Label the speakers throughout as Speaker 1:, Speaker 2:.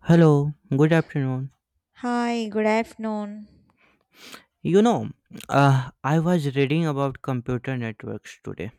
Speaker 1: Hello, good afternoon.
Speaker 2: Hi, good afternoon.
Speaker 1: You know, I was reading about computer networks today.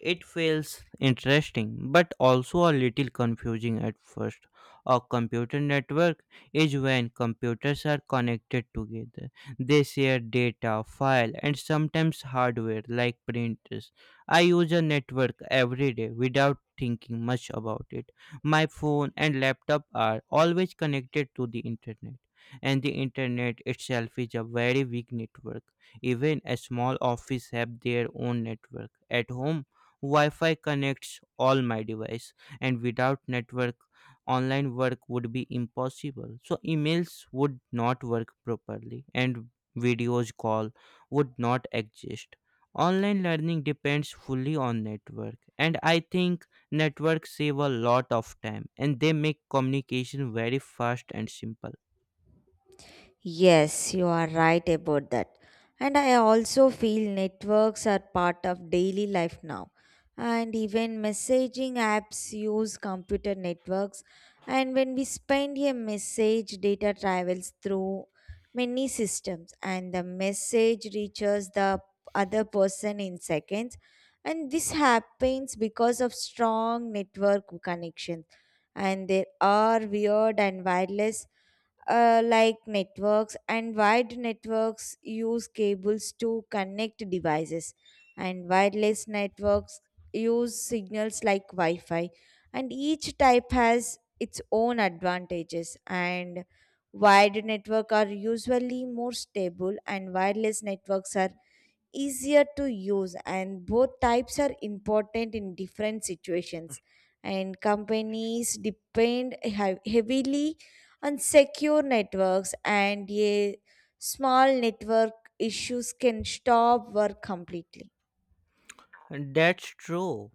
Speaker 1: It feels interesting but also a little confusing at first. A computer network is when computers are connected together. They share data, file, and sometimes hardware like printers. I use a network every day without thinking much about it. My phone and laptop are always connected to the internet. And the internet itself is a very weak network. Even a small office have their own network. At home, Wi-Fi connects all my device and without network online work would be impossible. So emails would not work properly and videos call would not exist. Online learning depends fully on network, and I think networks save a lot of time and they make communication very fast and simple.
Speaker 2: Yes, you are right about that. And I also feel networks are part of daily life now. And even messaging apps use computer networks. And when we send a message, data travels through many systems, and the message reaches the other person in seconds. And this happens because of strong network connections. And there are weird and wireless like networks, and wired networks use cables to connect devices, and wireless networks use signals like wi-fi, and each type has its own advantages, and wired network are usually more stable, and wireless networks are easier to use, and both types are important in different situations, and companies depend heavily on secure networks, and a small network issues can stop work completely.
Speaker 1: That's true.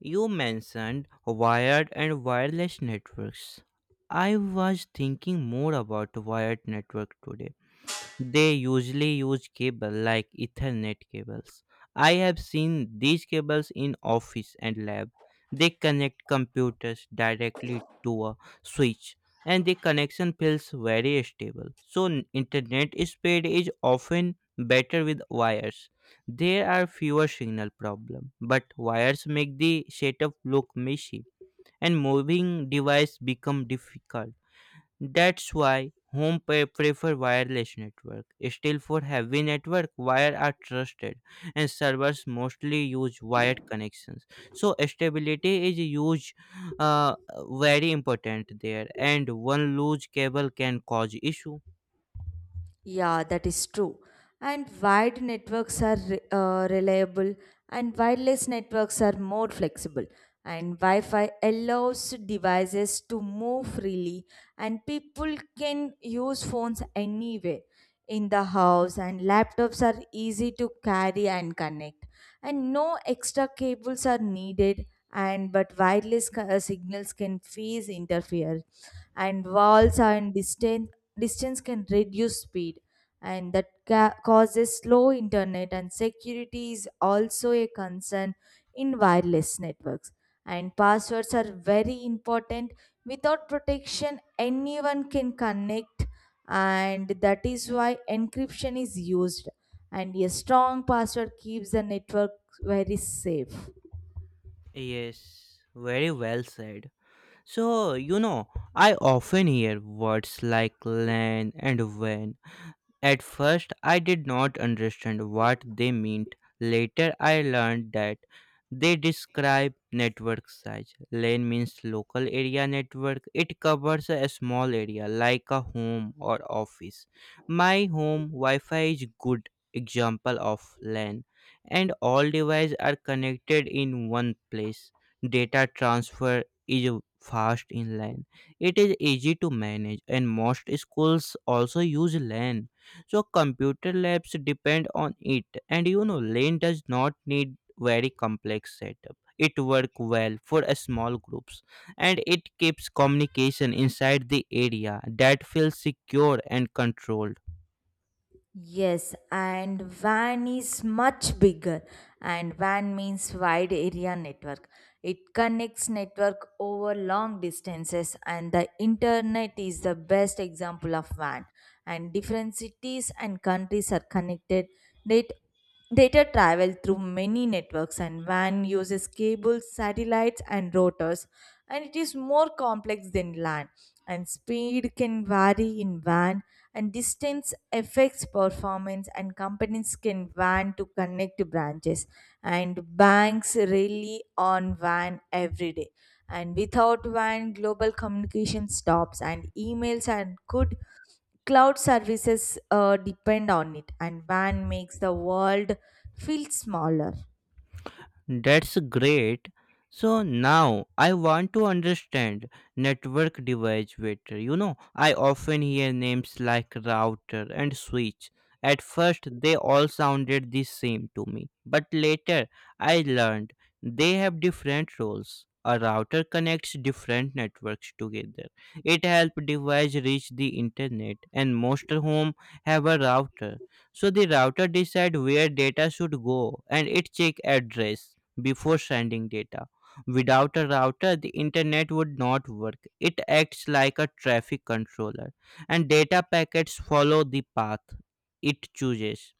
Speaker 1: You mentioned wired and wireless networks. I was thinking more about wired network today. They usually use cable like Ethernet cables. I have seen these cables in office and lab. They connect computers directly to a switch, and the connection feels very stable. So internet speed is often better with wires. There are fewer signal problem, but wires make the setup look messy and moving device become difficult. That's why home pay prefer wireless network. Still, for heavy network, wire are trusted and servers mostly use wired connections. So stability is huge, uh, very important there, and one loose cable can cause issue.
Speaker 2: Yeah, that is true. And wide networks are reliable, and wireless networks are more flexible. And Wi Fi allows devices to move freely, and people can use phones anywhere in the house. And laptops are easy to carry and connect, and no extra cables are needed. And but wireless signals can face interfere, and walls and distance can reduce speed, and that causes slow internet, and security is also a concern in wireless networks, and passwords are very important. Without protection anyone can connect, and that is why encryption is used, and a strong password keeps the network very safe.
Speaker 1: Yes, very well said. So, I often hear words like LAN and WAN. At first, I did not understand what they meant. Later, I learned that they describe network size. LAN means local area network. It covers a small area like a home or office. My home Wi-Fi is good example of LAN, and all devices are connected in one place. Data transfer is fast in LAN. It is easy to manage, and most schools also use LAN, so computer labs depend on it. And you know, lane does not need very complex setup. It work well for a small groups, and it keeps communication inside the area. That feels secure and controlled.
Speaker 2: Yes, and WAN is much bigger, and WAN means wide area network. It connects network over long distances, and the internet is the best example of WAN. And different cities and countries are connected. Net data travel through many networks, and WAN uses cables, satellites and routers, and it is more complex than LAN, and speed can vary in WAN, and distance affects performance, and companies can WAN to connect branches, and banks rely on WAN every day, and without WAN global communication stops, and emails and could cloud services depend on it, and WAN makes the world feel smaller.
Speaker 1: That's great. So now I want to understand network device better. You know, I often hear names like router and switch. At first, they all sounded the same to me, but later I learned they have different roles. A router connects different networks together. It helps device reach the internet, and most home have a router. So the router decide where data should go, and it check address before sending data. Without a router, the internet would not work. It acts like a traffic controller, and data packets follow the path it chooses.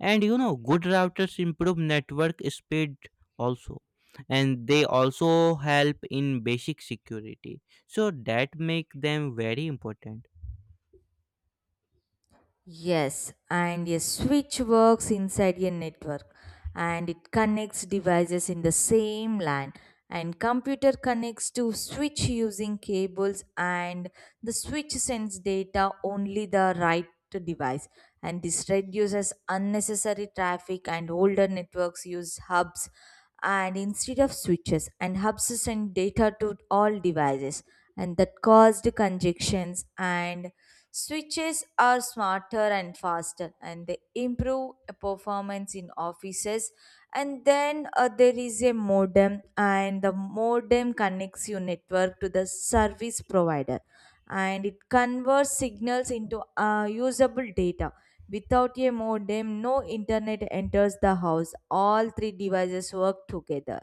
Speaker 1: And you know, good routers improve network speed also, and they also help in basic security. So that make them very important.
Speaker 2: Yes, and a switch works inside a network, and it connects devices in the same LAN, and computer connects to switch using cables, and the switch sends data only the right to device, and this reduces unnecessary traffic, and older networks use hubs and instead of switches, and hubs send data to all devices, and that caused congestions. And switches are smarter and faster, and they improve performance in offices. And then there is a modem, and the modem connects your network to the service provider, and it converts signals into usable data. Without a modem, no internet enters the house. All three devices work together.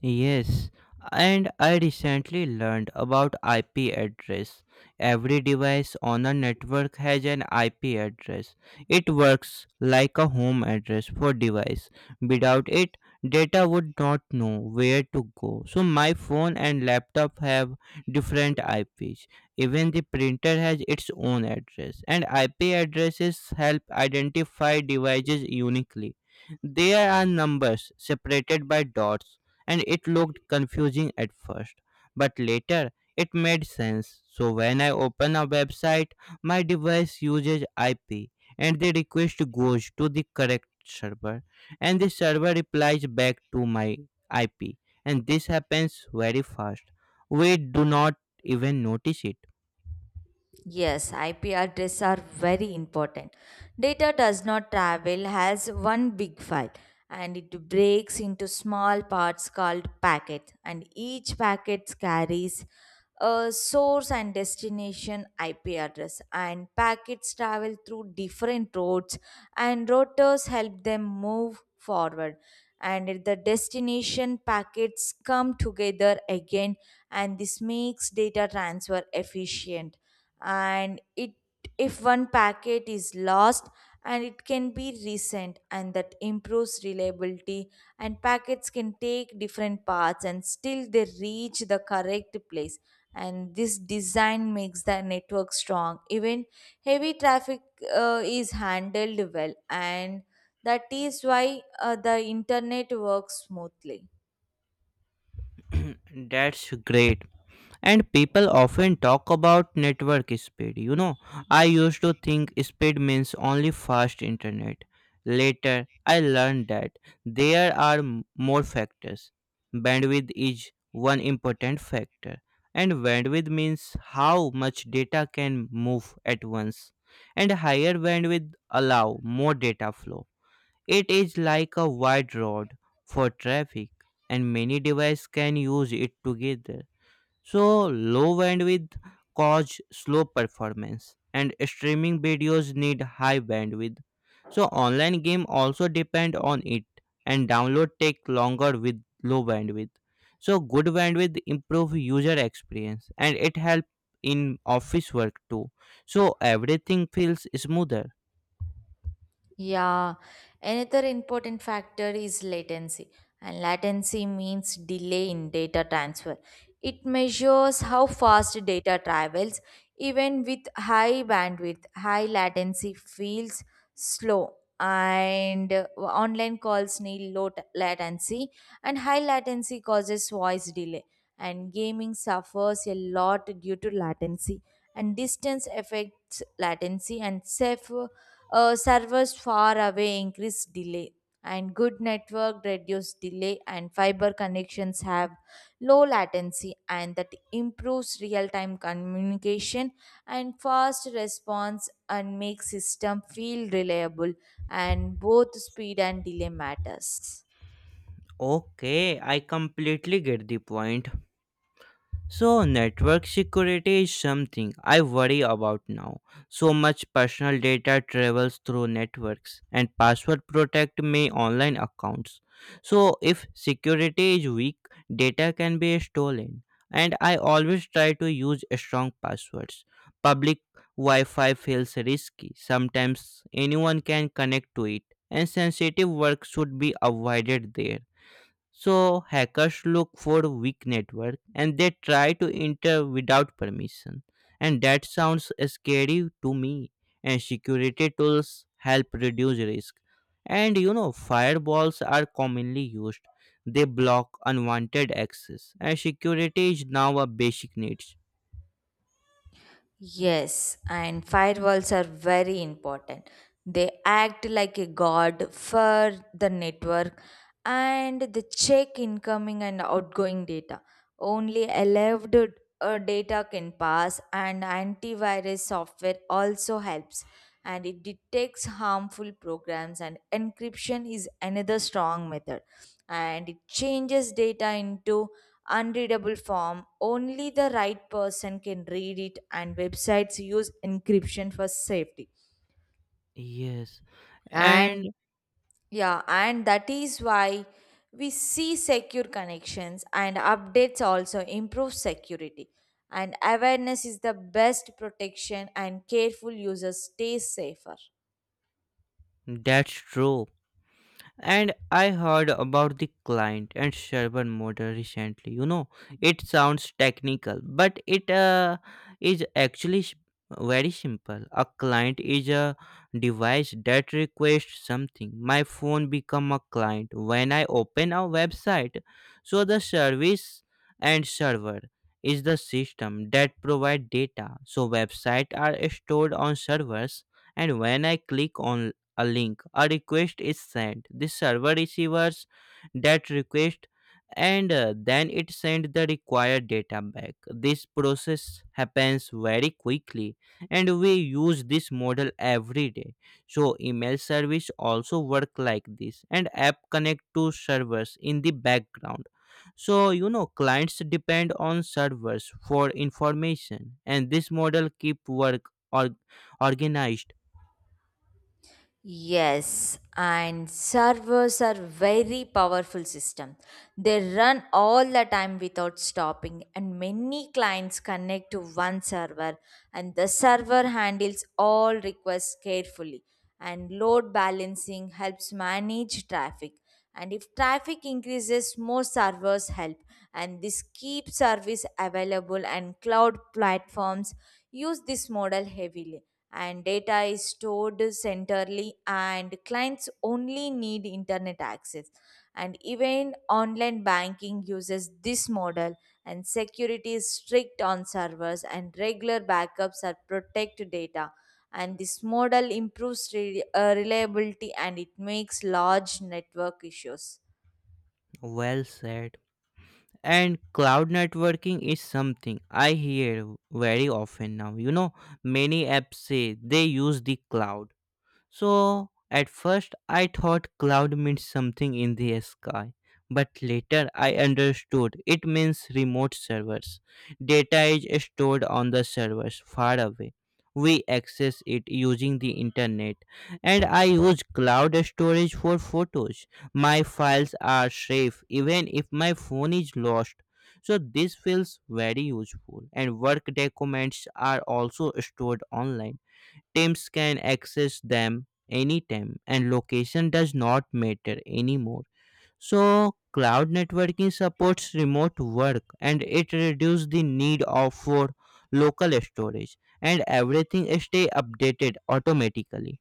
Speaker 1: Yes, and I recently learned about IP address. Every device on a network has an IP address. It works like a home address for device. Without it, data would not know where to go. So my phone and laptop have different IPs. Even the printer has its own address. And IP addresses help identify devices uniquely. There are numbers separated by dots, and it looked confusing at first, but later it made sense. So when I open a website, my device uses IP and the request goes to the correct server, and the server replies back to my IP. And this happens very fast. We do not even notice it.
Speaker 2: Yes, IP addresses are very important. Data does not travel as one big file, and it breaks into small parts called packets, and each packet carries a source and destination IP address, and packets travel through different routes, and routers help them move forward, and if the destination packets come together again, and this makes data transfer efficient, and it, if one packet is lost, and it can be resent, and that improves reliability, and packets can take different paths and still they reach the correct place, and this design makes the network strong, even heavy traffic is handled well, and that is why the internet works smoothly.
Speaker 1: That's great. And people often talk about network speed. You know, I used to think speed means only fast internet. Later, I learned that there are more factors. Bandwidth is one important factor, and bandwidth means how much data can move at once. And higher bandwidth allow more data flow. It is like a wide road for traffic, and many devices can use it together. So low bandwidth cause slow performance, and streaming videos need high bandwidth. So online game also depend on it, and download take longer with low bandwidth. So good bandwidth improve user experience, and it help in office work too. So everything feels smoother.
Speaker 2: Yeah, another important factor is latency, and latency means delay in data transfer. It measures how fast data travels. Even with high bandwidth, high latency feels slow, and online calls need low latency, and high latency causes voice delay. And gaming suffers a lot due to latency, and distance affects latency, and safe servers far away increase delay, and good network reduce delay, and fiber connections have low latency, and that improves real-time communication and fast response, and makes system feel reliable. And both speed and delay matters.
Speaker 1: Okay, I completely get the point. So network security is something I worry about now. So much personal data travels through networks, and password protect my online accounts. So if security is weak, data can be stolen. And I always try to use strong passwords. Public Wi Fi feels risky. Sometimes anyone can connect to it, and sensitive work should be avoided there. So hackers look for weak network, and they try to enter without permission. And that sounds scary to me. And security tools help reduce risk. And you know, firewalls are commonly used. They block unwanted access. And security is now a basic need.
Speaker 2: Yes, and firewalls are very important. They act like a guard for the network, and they check incoming and outgoing data. Only allowed data can pass, and antivirus software also helps. And it detects harmful programs, and encryption is another strong method. And it changes data into unreadable form. Only the right person can read it, and websites use encryption for safety.
Speaker 1: Yes. And
Speaker 2: And yeah, and that is why we see secure connections, and updates also improve security. And awareness is the best protection, and careful users stay safer.
Speaker 1: that's true. And I heard about the client and server model recently. You know, it sounds technical, but it is actually s- very simple. A client is a device that requests something. My phone become a client when I open a website. So the service and server is the system that provide data. So websites are stored on servers, and when I click on a link, a request is sent. The server receives that request, and then it sends the required data back. This process happens very quickly, and we use this model every day. So email service also work like this, and app connect to servers in the background. So you know, clients depend on servers for information, and this model keep work or organized.
Speaker 2: Yes, and servers are very powerful system. They run all the time without stopping, and many clients connect to one server, and the server handles all requests carefully, and load balancing helps manage traffic, and if traffic increases more servers help, and this keep service available, and cloud platforms use this model heavily, and data is stored centrally, and clients only need internet access, and even online banking uses this model, and security is strict on servers, and regular backups are protect data, and this model improves reliability, and it makes large network issues.
Speaker 1: Well said. And cloud networking is something I hear very often now. You know, many apps say they use the cloud. So at first I thought cloud meant something in the sky, but later I understood it means remote servers. Data is stored on the servers far away. We access it using the internet, and I use cloud storage for photos. My files are safe even if my phone is lost. So this feels very useful, and work documents are also stored online. Teams can access them anytime, and location does not matter anymore. So cloud networking supports remote work, and it reduces the need of for local storage, and everything stay updated automatically.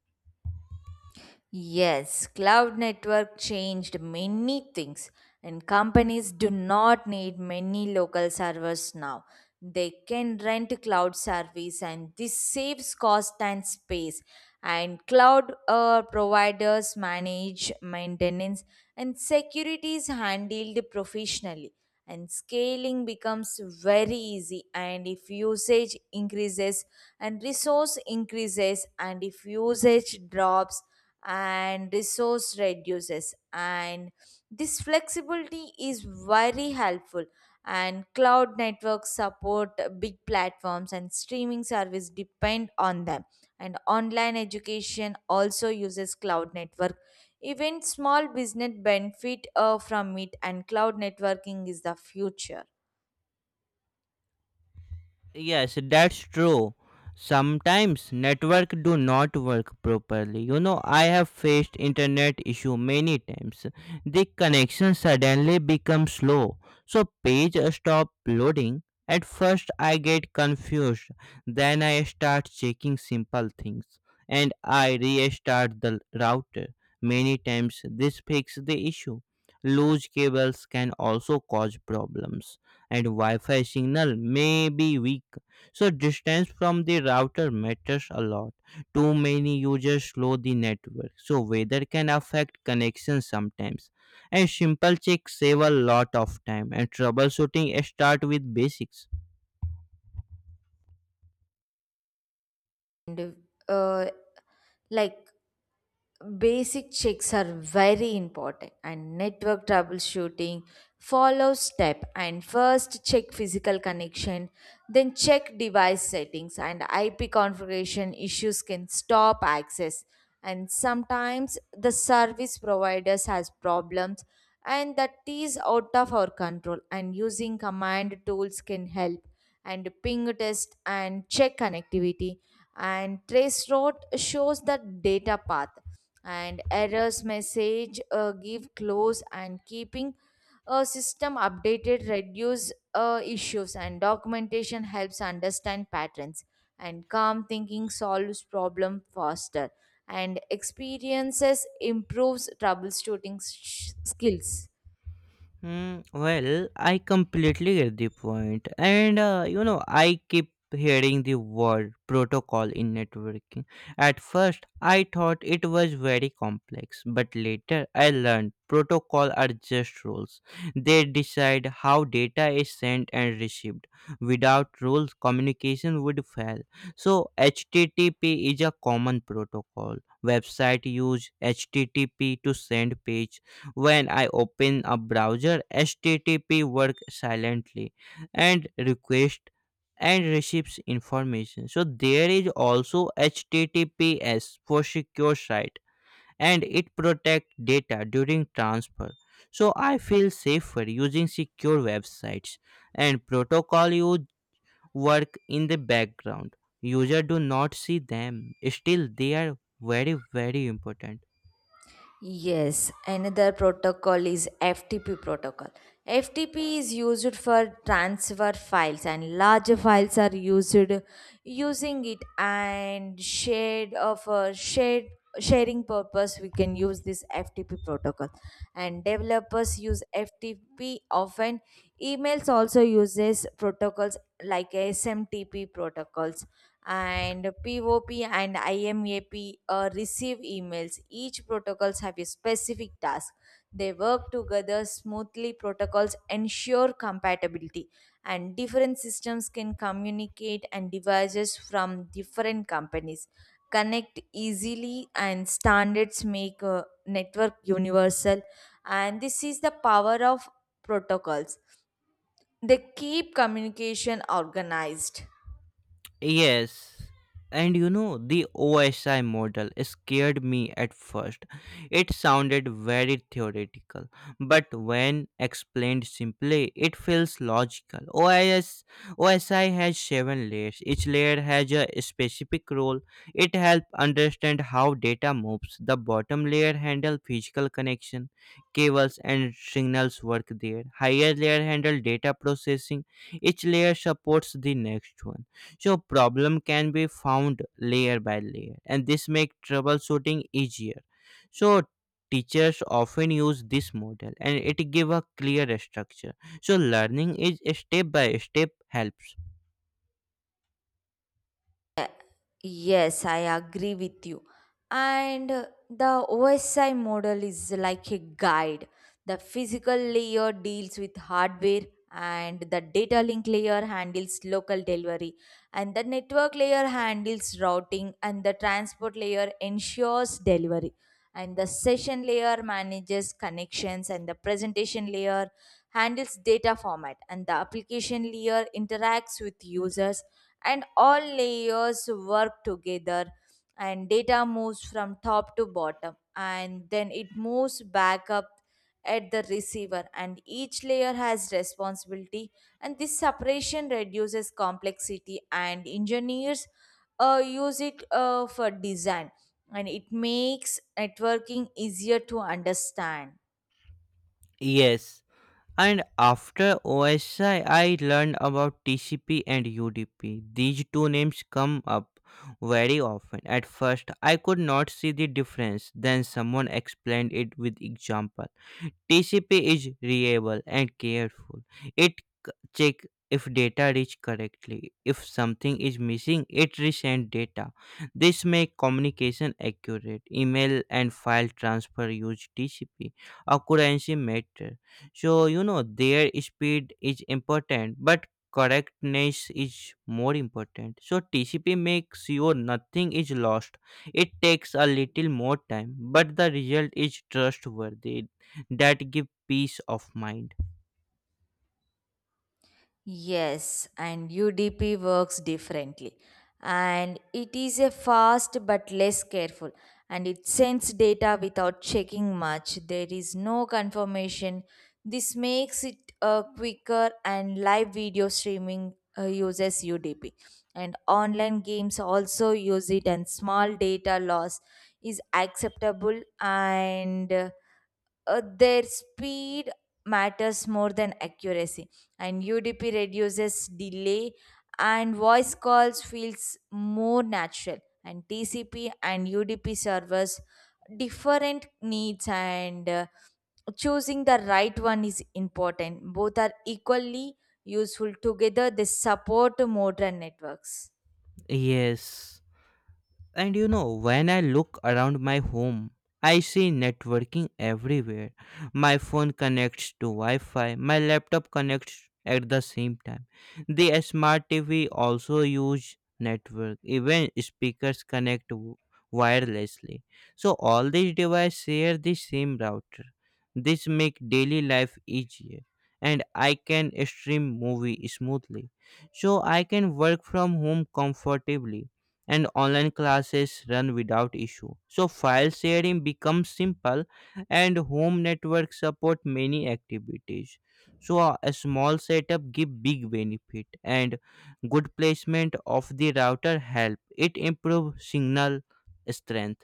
Speaker 2: Yes, cloud network changed many things, and companies do not need many local servers now. They can rent cloud service, and this saves cost and space. And cloud providers manage maintenance, and security is handled professionally. And scaling becomes very easy. And if usage increases, and resource increases, and if usage drops, and resource reduces, and this flexibility is very helpful, and cloud networks support big platforms, and streaming service depend on them, and online education also uses cloud network, even small business benefit from it, and cloud networking is the future.
Speaker 1: Yes, that's true. Sometimes network do not work properly. You know, I have faced internet issue many times. The connection suddenly becomes slow. So page stop loading. At first I get confused. Then I start checking simple things, and I restart the router. Many times this fixes the issue. Loose cables can also cause problems, and Wi-Fi signal may be weak. So distance from the router matters a lot. Too many users slow the network. So weather can affect connection sometimes. And simple checks save a lot of time, and troubleshooting start with basics.
Speaker 2: And uh, like basic checks are very important, and network troubleshooting follows step, and first check physical connection, then check device settings, and IP configuration issues can stop access, and sometimes the service providers has problems, and that is out of our control, and using command tools can help, and ping test and check connectivity, and trace route shows the data path, and errors message give close, and keeping a system updated reduce issues, and documentation helps understand patterns, and calm thinking solves problem faster, and experiences improves troubleshooting skills.
Speaker 1: Hmm. Well, I completely get the point, and you know, I keep hearing the word protocol in networking. At first, I thought it was very complex, but later I learned protocol are just rules. They decide how data is sent and received. Without rules, communication would fail. So HTTP is a common protocol. Website use HTTP to send page. When I open a browser, HTTP work silently and request and receives information. So there is also HTTPS for secure site, and it protect data during transfer. So I feel safer using secure websites, and protocol you work in the background. User do not see them. Still, they are very very important.
Speaker 2: Yes, another protocol is FTP protocol. FTP is used for transfer files, and larger files are used using it, and shared of a shared sharing purpose we can use this FTP protocol, and developers use FTP often. Emails also uses protocols like SMTP protocols, and POP and IMAP receive emails. Each protocols have a specific task. They work together smoothly. Protocols ensure compatibility, and different systems can communicate, and devices from different companies connect easily, and standards make a network universal, and this is the power of protocols. They keep communication organized.
Speaker 1: Yes. And you know, the OSI model scared me at first. It sounded very theoretical, but when explained simply, it feels logical. OSI has seven layers. Each layer has a specific role. It helps understand how data moves. The bottom layer handle physical connection. Cables and signals work there. Higher layer handle data processing. Each layer supports the next one, so problem can be found layer by layer, and this make troubleshooting easier. So teachers often use this model, and it give a clear structure. So learning is step by step helps.
Speaker 2: Yes, I agree with you. And the OSI model is like a guide. The physical layer deals with hardware, and the data link layer handles local delivery, and the network layer handles routing, and the transport layer ensures delivery, and the session layer manages connections, and the presentation layer handles data format, and the application layer interacts with users, and all layers work together, and data moves from top to bottom, and then it moves back up at the receiver, and each layer has responsibility, and this separation reduces complexity, and engineers use it for design, and it makes networking easier to understand.
Speaker 1: Yes. And after OSI I learned about TCP and UDP. These two names come up very often. At first I could not see the difference. Then someone explained it with example. TCP is reliable and careful. It check if data reach correctly. If something is missing, it resend data. This make communication accurate. Email and file transfer use TCP. Accuracy matter. So you know, their speed is important, but correctness is more important. So TCP makes sure nothing is lost. It takes a little more time, but the result is trustworthy. That give peace of mind.
Speaker 2: Yes, and UDP works differently. And it is a fast but less careful. And it sends data without checking much. There is no confirmation. This makes it quicker, and live video streaming uses UDP. And online games also use it, and small data loss is acceptable, and their speed matters more than accuracy, and UDP reduces delay, and voice calls feels more natural, and TCP and UDP servers different needs, and choosing the right one is important. Both are equally useful. Together they support modern networks.
Speaker 1: Yes. And you know, when I look around my home, I see networking everywhere. My phone connects to Wi Fi, my laptop connects at the same time. The smart TV also use network, even speakers connect wirelessly. So all these devices share the same router. This make daily life easier, and I can stream movie smoothly. So I can work from home comfortably and online classes run without issue. So file sharing becomes simple and home networks support many activities. So a small setup give big benefit and good placement of the router help. It improve signal strength.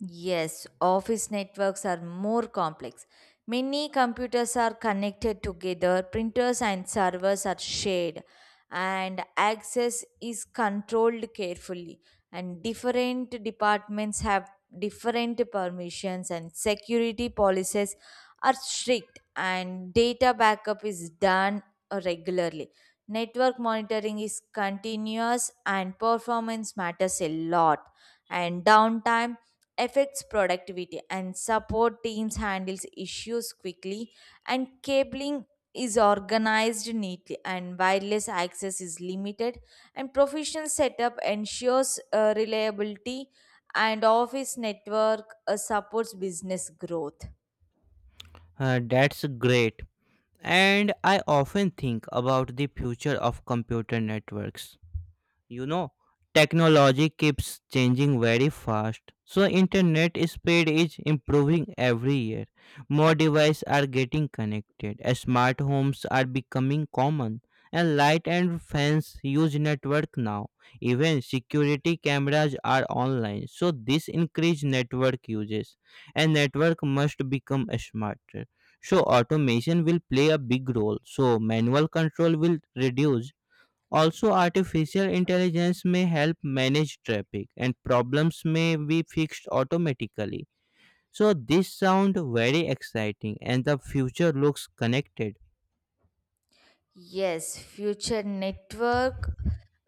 Speaker 2: Yes, office networks are more complex. Many computers are connected together, printers and servers are shared, and access is controlled carefully. And different departments have different permissions, and security policies are strict, and data backup is done regularly. Network monitoring is continuous, and performance matters a lot. And downtime affects productivity, and support teams handles issues quickly, and cabling is organized neatly, and wireless access is limited, and professional setup ensures reliability, and office network supports business growth.
Speaker 1: That's great. And I often think about the future of computer networks, you know, technology keeps changing very fast. So internet speed is improving every year, more devices are getting connected, smart homes are becoming common, and light and fans use network now. Even security cameras are online, so this increase network uses, and network must become smarter. So automation will play a big role, so manual control will reduce. Also, artificial intelligence may help manage traffic and problems may be fixed automatically. So, this sounds very exciting and the future looks connected.
Speaker 2: Yes, future network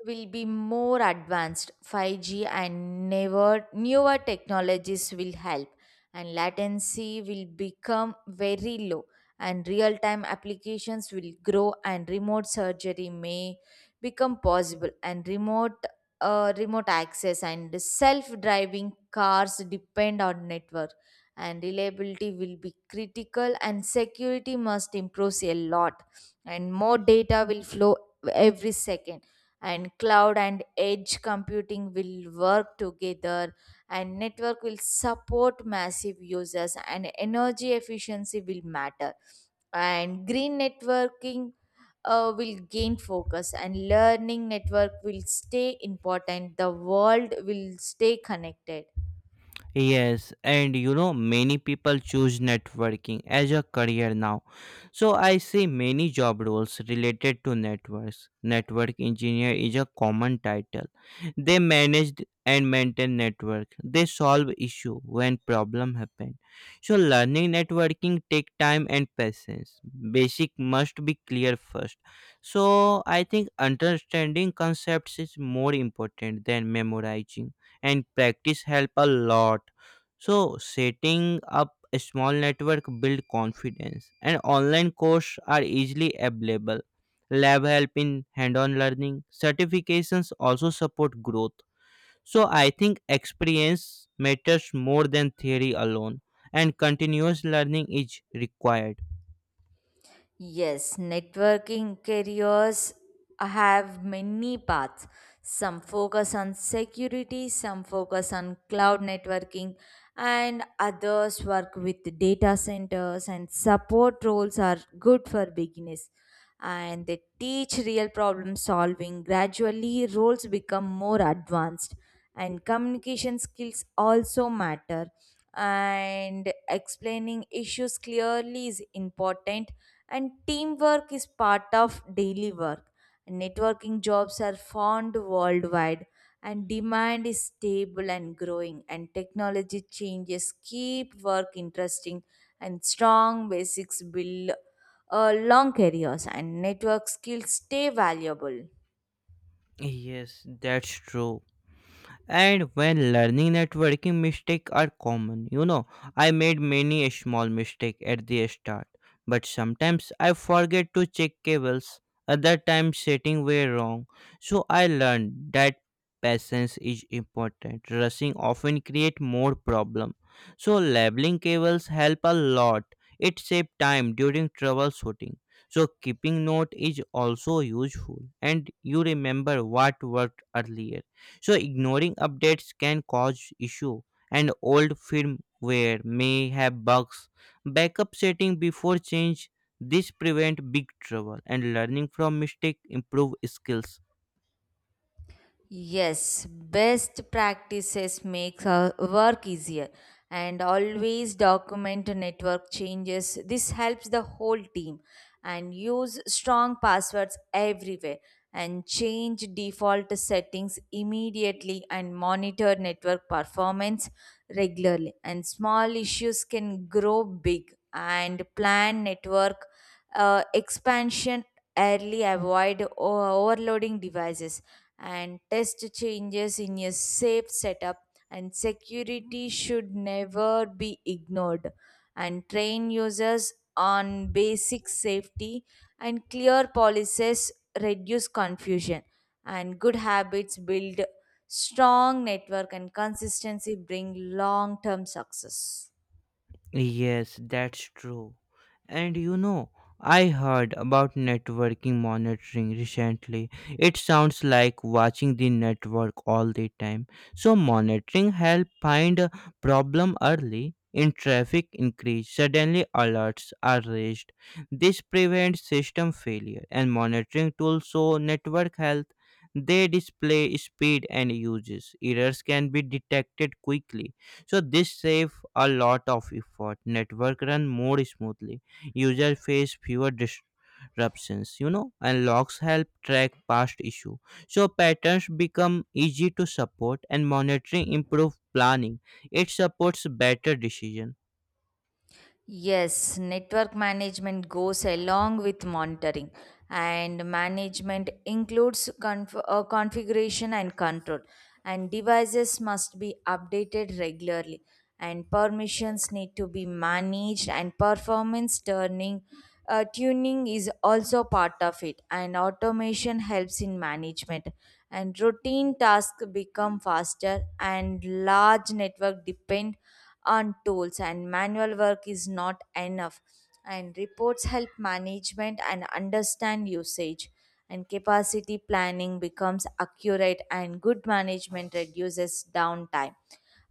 Speaker 2: will be more advanced. 5G and newer technologies will help, and latency will become very low, and real time applications will grow, and remote surgery may become possible, and remote access and self driving cars depend on network, and reliability will be critical, and security must improve a lot, and more data will flow every second, and cloud and edge computing will work together, and network will support massive users, and energy efficiency will matter, and green networking will gain focus, and learning network will stay important. The world will stay connected.
Speaker 1: Yes, and you know, many people choose networking as a career now. So I see many job roles related to networks. Network engineer is a common title. They manage and maintain network. They solve issue when problem happen. So learning networking take time and patience. Basic must be clear first. So I think understanding concepts is more important than memorizing, and practice help a lot. So setting up a small network build confidence, and online courses are easily available. Lab help in hands-on learning. Certifications also support growth. So I think experience matters more than theory alone, and continuous learning is required.
Speaker 2: Yes, networking careers have many paths. Some focus on security, some focus on cloud networking, and others work with data centers, and support roles are good for beginners. And they teach real problem solving. Gradually, roles become more advanced, and communication skills also matter. And explaining issues clearly is important, and teamwork is part of daily work. Networking jobs are found worldwide, and demand is stable and growing, and technology changes keep work interesting, and strong basics build long careers, and network skills stay valuable.
Speaker 1: Yes, that's true. And when learning networking, mistakes are common. You know, I made many small mistakes at the start, but sometimes I forget to check cables. Other times setting were wrong. So I learned that patience is important. Rushing often create more problem. So labeling cables help a lot. It save time during troubleshooting. So keeping note is also useful, and you remember what worked earlier. So ignoring updates can cause issue, and old firmware may have bugs. Backup setting before change. This prevent big trouble, and learning from mistake improve skills.
Speaker 2: Yes, best practices makes our work easier, and always document network changes. This helps the whole team, and use strong passwords everywhere, and change default settings immediately, and monitor network performance regularly, and small issues can grow big, and plan network expansion early, avoid overloading devices, and test changes in a safe setup, and security should never be ignored, and train users on basic safety, and clear policies reduce confusion, and good habits build strong network, and consistency bring long term success.
Speaker 1: Yes, that's true. And you know, I heard about networking monitoring recently. It sounds like watching the network all the time. So monitoring help find a problem early. In traffic increase, suddenly alerts are raised. This prevents system failure, and monitoring tools show network health. They display speed and uses. Errors can be detected quickly, so this save a lot of effort. Network run more smoothly, user face fewer disruptions, you know, and logs help track past issue. So patterns become easy to support, and monitoring improve planning. It supports better decision.
Speaker 2: Yes, network management goes along with monitoring, and management includes configuration and control. And devices must be updated regularly, and permissions need to be managed, and performance tuning is also part of it. And automation helps in management, and routine tasks become faster, and large network depend on tools, and manual work is not enough, and reports help management and understand usage, and capacity planning becomes accurate, and good management reduces downtime,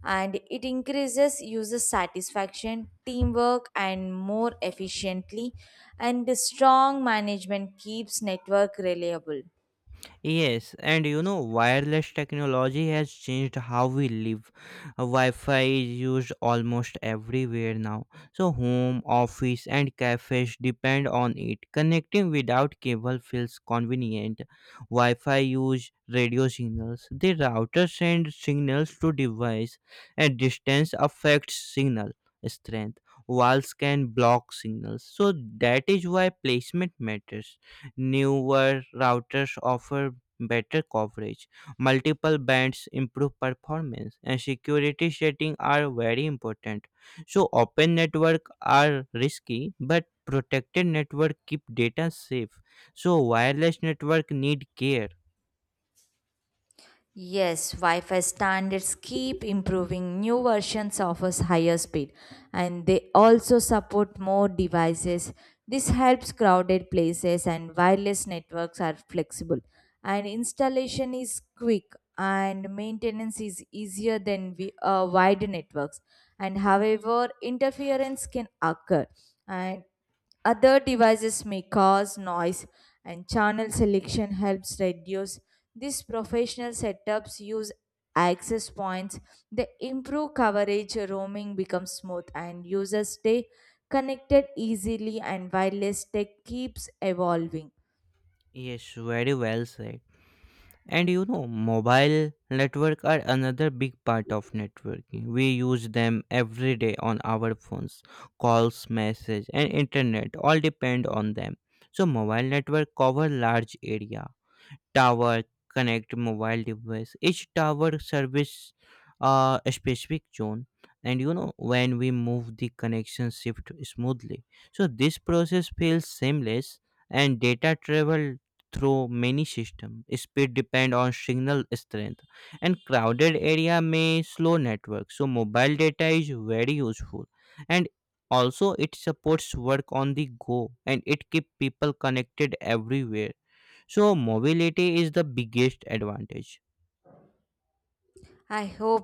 Speaker 2: and it increases user satisfaction teamwork and more efficiently, and the strong management keeps network reliable.
Speaker 1: Yes, and you know, wireless technology has changed how we live. Wi-Fi is used almost everywhere now, so home, office, and cafes depend on it. Connecting without cable feels convenient. Wi-Fi use radio signals. The router sends signals to device, and distance affects signal strength. Walls can block signals, so that is why placement matters. Newer routers offer better coverage. Multiple bands improve performance, and security settings are very important. So, open network are risky, but protected network keep data safe. So, wireless network need care.
Speaker 2: Yes, Wi-Fi standards keep improving. New versions offers higher speed, and they also support more devices. This helps crowded places, and wireless networks are flexible, and installation is quick, and maintenance is easier than we, wide networks, and however interference can occur, and other devices may cause noise, and channel selection helps reduce. These professional setups use access points. They improve coverage, roaming becomes smooth, and users stay connected easily, and wireless tech keeps evolving.
Speaker 1: Yes, very well said. And you know, mobile network are another big part of networking. We use them every day on our phones. Calls, message, and internet all depend on them. So mobile network cover large area. Tower connect mobile device. Each tower service a specific zone. And you know, when we move, the connection shift smoothly, so this process feels seamless. And data travel through many systems. Speed depend on signal strength, and crowded area may slow network. So mobile data is very useful, and also it supports work on the go, and it keep people connected everywhere. So mobility is the biggest advantage.
Speaker 2: I hope